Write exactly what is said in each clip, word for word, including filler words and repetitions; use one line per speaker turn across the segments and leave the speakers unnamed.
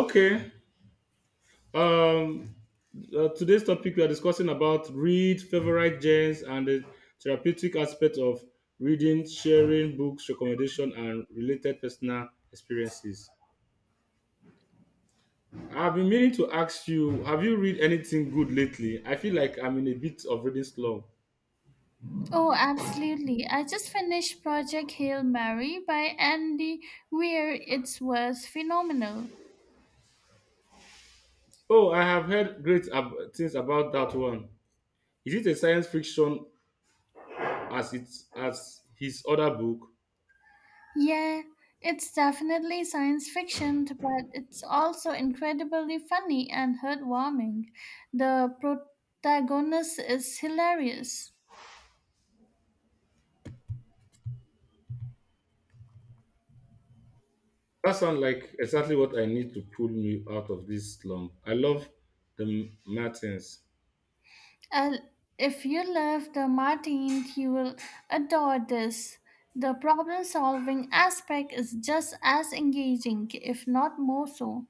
Okay. Um, uh, today's topic we are discussing about read favorite genres and the therapeutic aspect of reading, sharing books, recommendation, and related personal experiences. I've been meaning to ask you, have you read anything good lately? I feel like I'm in a bit of reading slump.
Oh, absolutely. I just finished Project Hail Mary by Andy Weir. It was phenomenal.
Oh, I have heard great ab- things about that one. Is it a science fiction as it as his other book?
Yeah, it's definitely science fiction, but it's also incredibly funny and heartwarming. The protagonist is hilarious.
That sounds like exactly what I need to pull me out of this slump. I love the M- Martins.
Uh, if you love the Martin, you will adore this. The problem solving aspect is just as engaging, if not more so.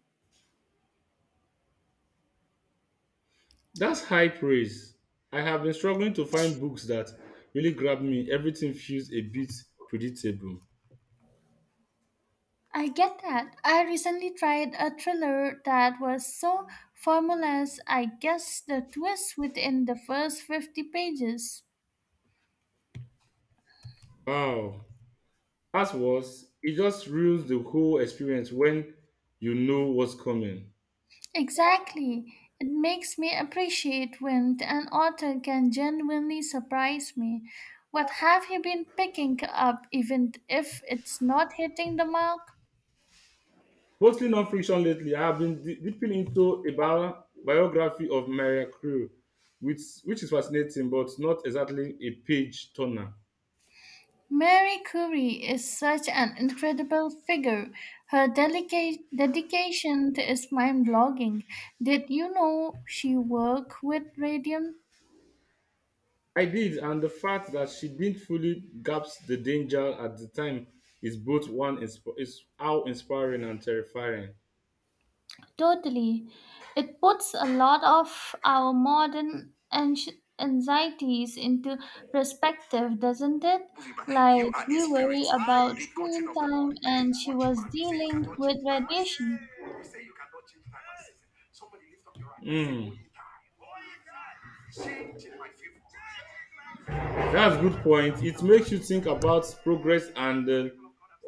That's high praise. I have been struggling to find books that really grab me. Everything feels a bit predictable.
I get that. I recently tried a thriller that was so formless, I guess the twist within the first fifty pages.
Wow. As was, it just ruins the whole experience when you know what's coming.
Exactly. It makes me appreciate when an author can genuinely surprise me. What have you been picking up, even if it's not hitting the mark?
Mostly non-fiction lately. I have been de- dipping into a bio- biography of Maria Crew, which which is fascinating, but not exactly a page turner.
Mary Curie is such an incredible figure. Her delicate dedication is mind-blogging. Did you know she worked with radium?
I did, and the fact that she didn't fully grasp the danger at the time is both one insp- is how inspiring and terrifying.
Totally. It puts a lot of our modern anxi- anxieties into perspective, doesn't it? Like we worry about screen time and she was dealing with radiation.
Mm. That's a good point. It makes you think about progress and, uh,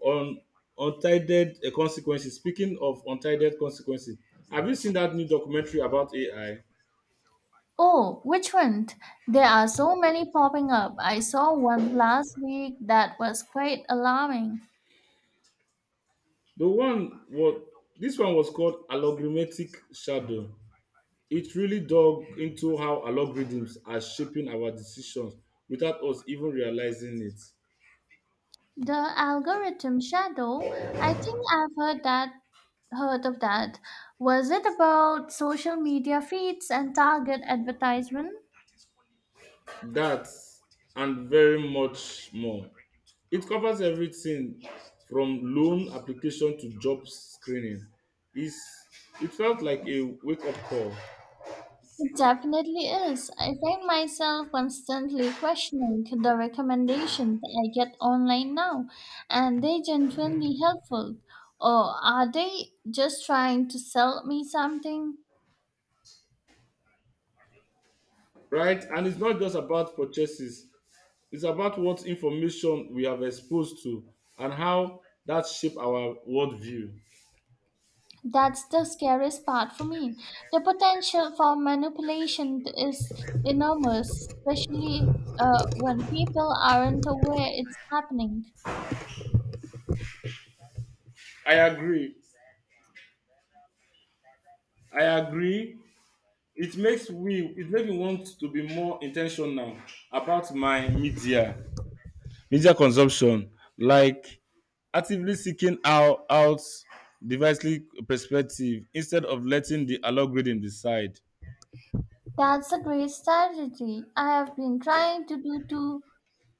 on untitled uh, consequences. Speaking of untitled consequences, have you seen that new documentary about A I?
Oh, which one? There are so many popping up. I saw one last week that was quite alarming.
The one was This one was called Allogrammatic Shadow. It really dug into how algorithms are shaping our decisions without us even realizing it.
The algorithm shadow. I think I've heard that heard of that. Was it about social media feeds and target advertisement?
That and very much more. It covers everything from loan application to job screening. It's, it felt like a wake up call,
It definitely is. I find myself constantly questioning the recommendations I get online now. And they genuinely helpful? Or are they just trying to sell me something?
right? And it's not just about purchases, it's about what information we have exposed to and how that shape our worldview.
That's the scariest part for me. The potential for manipulation is enormous, especially uh, when people aren't aware it's happening.
I agree. I agree. It makes me it makes me want to be more intentional about my media media consumption, like actively seeking out out diversely perspective instead of letting the algorithm decide.
That's a great strategy. I have been trying to do too.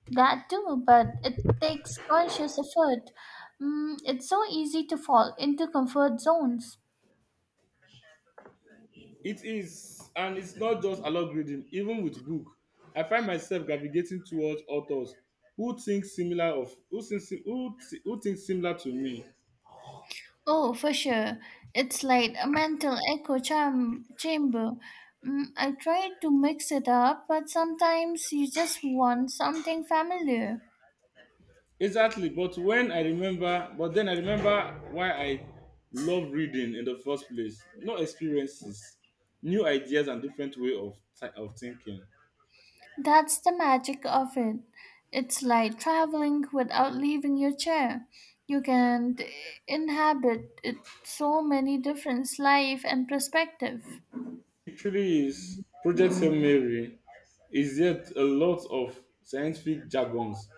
That too, but it takes conscious effort. Mm, it's so easy to fall into comfort zones.
It is, and it's not just algorithm, even with book I find myself gravitating towards authors who think similar of who think si- who, thi- who think similar to me.
Oh, for sure. It's like a mental echo cham- chamber. Mm, I try to mix it up, but sometimes you just want something familiar.
Exactly, but when I remember, but then I remember why I love reading in the first place. New experiences, new ideas, and different way of thi- of thinking.
That's the magic of it. It's like traveling without leaving your chair. You can eh, inhabit it so many different life and perspective.
It really is. Project Hail Mary is yet a lot of scientific jargons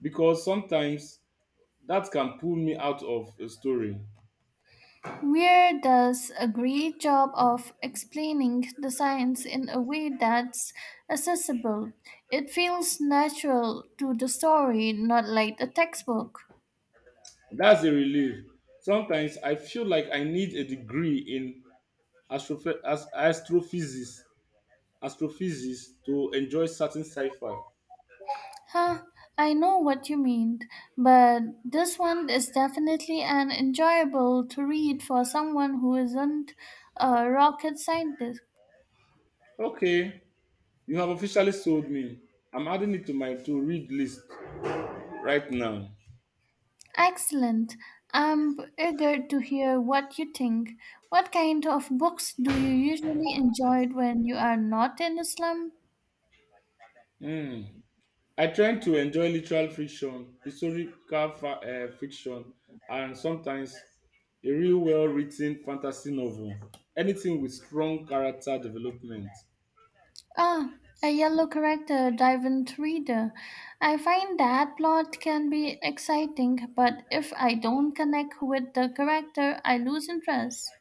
because sometimes that can pull me out of a story.
Weir does a great job of explaining the science in a way that's accessible. It feels natural to the story, not like a textbook.
That's a relief. Sometimes I feel like I need a degree in astroph- as- astrophysics astrophysics to enjoy certain sci-fi.
Huh, I know what you mean, but this one is definitely an enjoyable to read for someone who isn't a rocket scientist.
Okay, you have officially sold me. I'm adding it to my to-read list right now.
Excellent. I'm eager to hear what you think. What kind of books do you usually enjoy when you are not in a slum?
Hmm. I try to enjoy literal fiction, historical fa- eh, fiction, and sometimes a real well-written fantasy novel. Anything with strong character development.
Ah, a yellow character driven reader. I find that plot can be exciting, but if I don't connect with the character, I lose interest.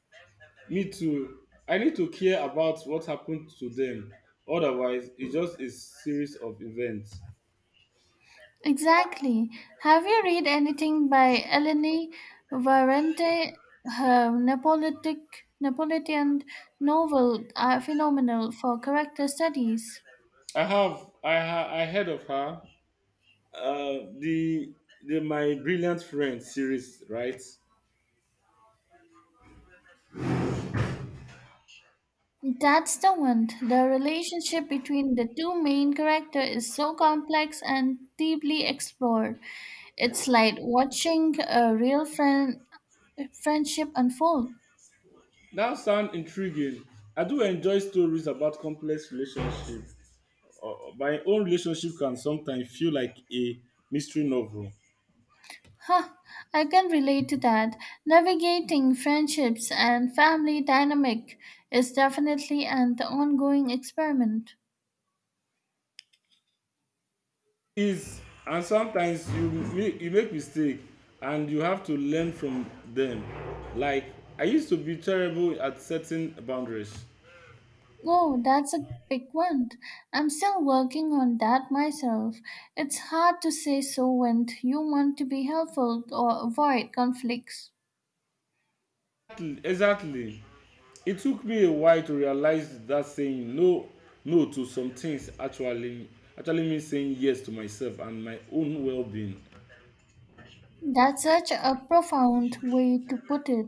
Me too. I need to care about what happened to them. Otherwise, it's just a series of events.
Exactly. Have you read anything by Eleni Varente? Her Neapolitic, Neapolitan novel are phenomenal for character studies.
I have I ha- I heard of her, uh, the the My Brilliant Friend series, right?
That's the one. The relationship between the two main characters is so complex and deeply explored. It's like watching a real friend friendship unfold.
That sound intriguing. I do enjoy stories about complex relationships. Uh, my own relationship can sometimes feel like a mystery novel.
Huh, I can relate to that. Navigating friendships and family dynamic is definitely an ongoing experiment.
Is, and sometimes you make, you make mistake and you have to learn from them. Like, I used to be terrible at setting boundaries.
Oh, that's a big one. I'm still working on that myself. It's hard to say so when you want to be helpful or avoid conflicts.
Exactly. exactly. It took me a while to realize that saying no no to some things actually actually means saying yes to myself and my own well-being.
That's such a profound way to put it.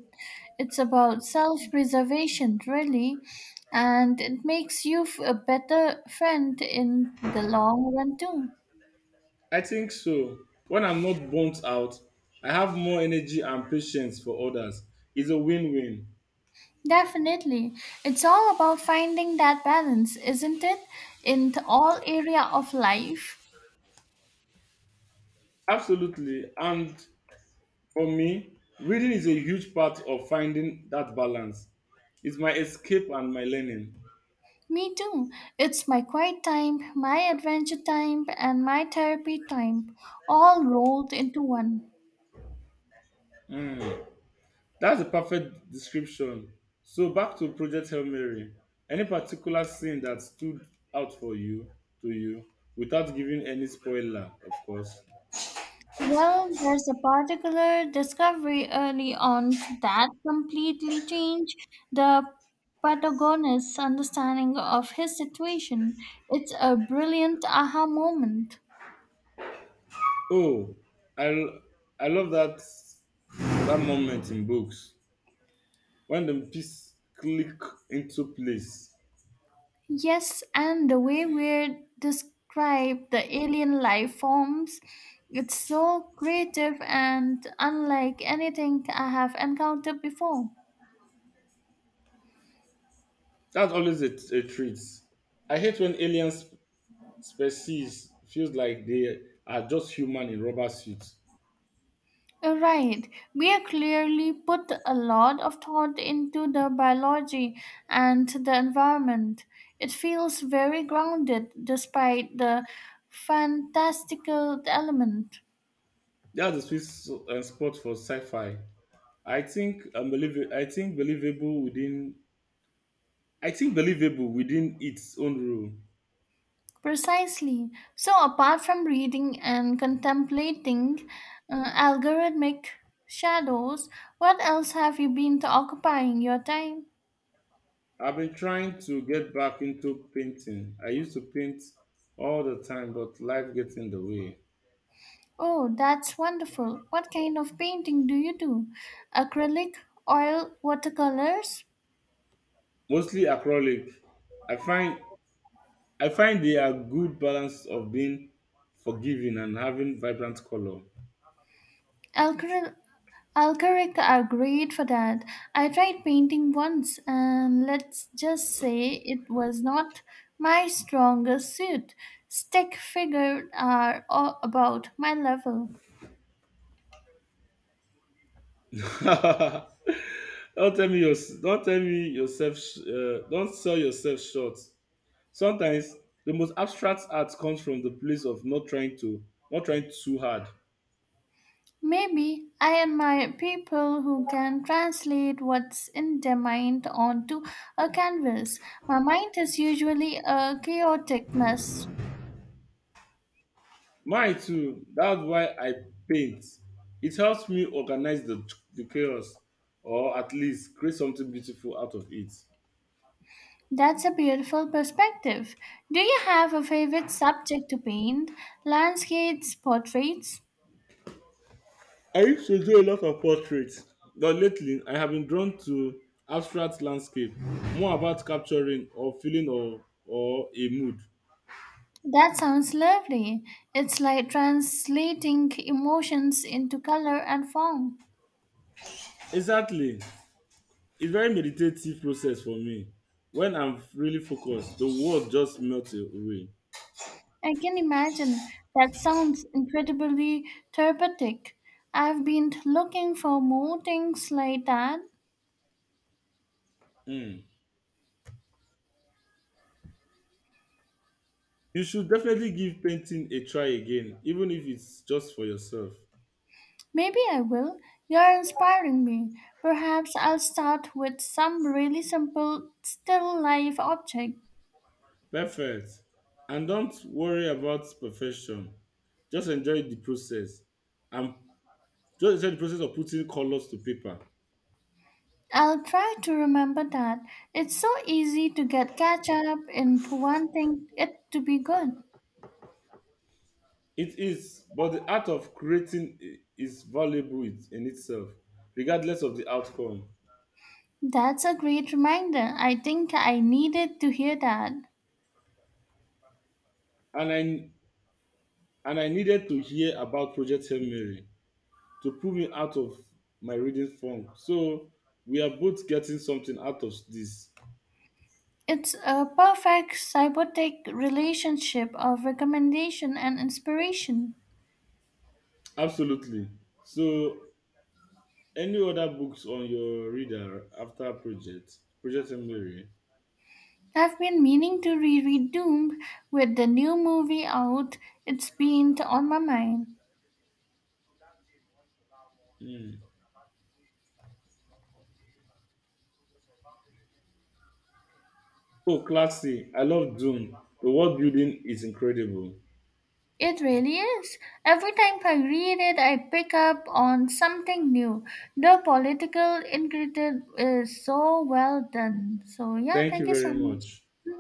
It's about self preservation, really, and it makes you f- a better friend in the long run, too.
I think so. When I'm not burnt out, I have more energy and patience for others. It's a win-win.
Definitely. It's all about finding that balance, isn't it? In th- all area of life.
Absolutely. And for me, reading is a huge part of finding that balance. It's my escape and my learning.
Me too. It's my quiet time, my adventure time, and my therapy time, all rolled into one.
Mm. That's a perfect description. So back to Project Hail Mary. Any particular scene that stood out for you to you without giving any spoiler, of course.
Well, there's a particular discovery early on that completely changed the protagonist's understanding of his situation. It's a brilliant aha moment.
Oh, I l- I love that that moment in books when the piece click into place.
Yes, and the way we describe the alien life forms, it's so creative and unlike anything I have encountered before.
That's always a, a treat. I hate when alien sp- species feels like they are just human in rubber suits.
Uh, Right. We are clearly put a lot of thought into the biology and the environment. It feels very grounded despite the fantastical element.
That's the sweet s- uh, spot for sci-fi. I think unbelievable. I think believable within. I think believable within its own rule.
Precisely. So, apart from reading and contemplating uh, algorithmic shadows, what else have you been occupying your time?
I've been trying to get back into painting. I used to paint all the time, but life gets in the way.
Oh, that's wonderful. What kind of painting do you do? Acrylic, oil, watercolors?
Mostly acrylic. I find I find they are good balance of being forgiving and having vibrant color.
Acryl- Acrylic are great for that. I tried painting once and let's just say it was not my strongest suit. Stick figures are all about my level.
don't tell me your, don't tell me yourself. Uh, don't sell yourself short. Sometimes the most abstract art comes from the place of not trying to not trying too hard.
Maybe I admire people who can translate what's in their mind onto a canvas. My mind is usually a chaotic mess.
Mine too. That's why I paint. It helps me organize the, the chaos, or at least create something beautiful out of it.
That's a beautiful perspective. Do you have a favorite subject to paint? Landscapes, portraits?
I used to do a lot of portraits, but lately I have been drawn to abstract landscape, more about capturing or feeling or or a mood.
That sounds lovely. It's like translating emotions into color and form.
Exactly. It's very meditative process for me. When I'm really focused, the world just melts away.
I can imagine. That sounds incredibly therapeutic. I've been looking for more things like that.
Mm. You should definitely give painting a try again, even if it's just for yourself.
Maybe I will. You're inspiring me. Perhaps I'll start with some really simple still life object.
Perfect. And don't worry about perfection. Just enjoy the process. And just enjoy the process of putting colors to paper.
I'll try to remember that. It's so easy to get catch up into wanting it to be good.
It is, but the art of creating i- is valuable it- in itself, regardless of the outcome.
That's a great reminder. I think I needed to hear that.
And I and I needed to hear about Project Hail Mary to pull me out of my reading funk. So we are both getting something out of this.
It's a perfect symbiotic relationship of recommendation and inspiration.
Absolutely. So any other books on your reader after project? Project Mary.
I've been meaning to reread Doom with the new movie out. It's been on my mind.
Mm. Oh, classy. I love Doom. The world building is incredible.
It really is. Every time I read it, I pick up on something new. The political ingredient is so well done. So, yeah,
Thank you
thank you
very
so much.
much.
Mhm.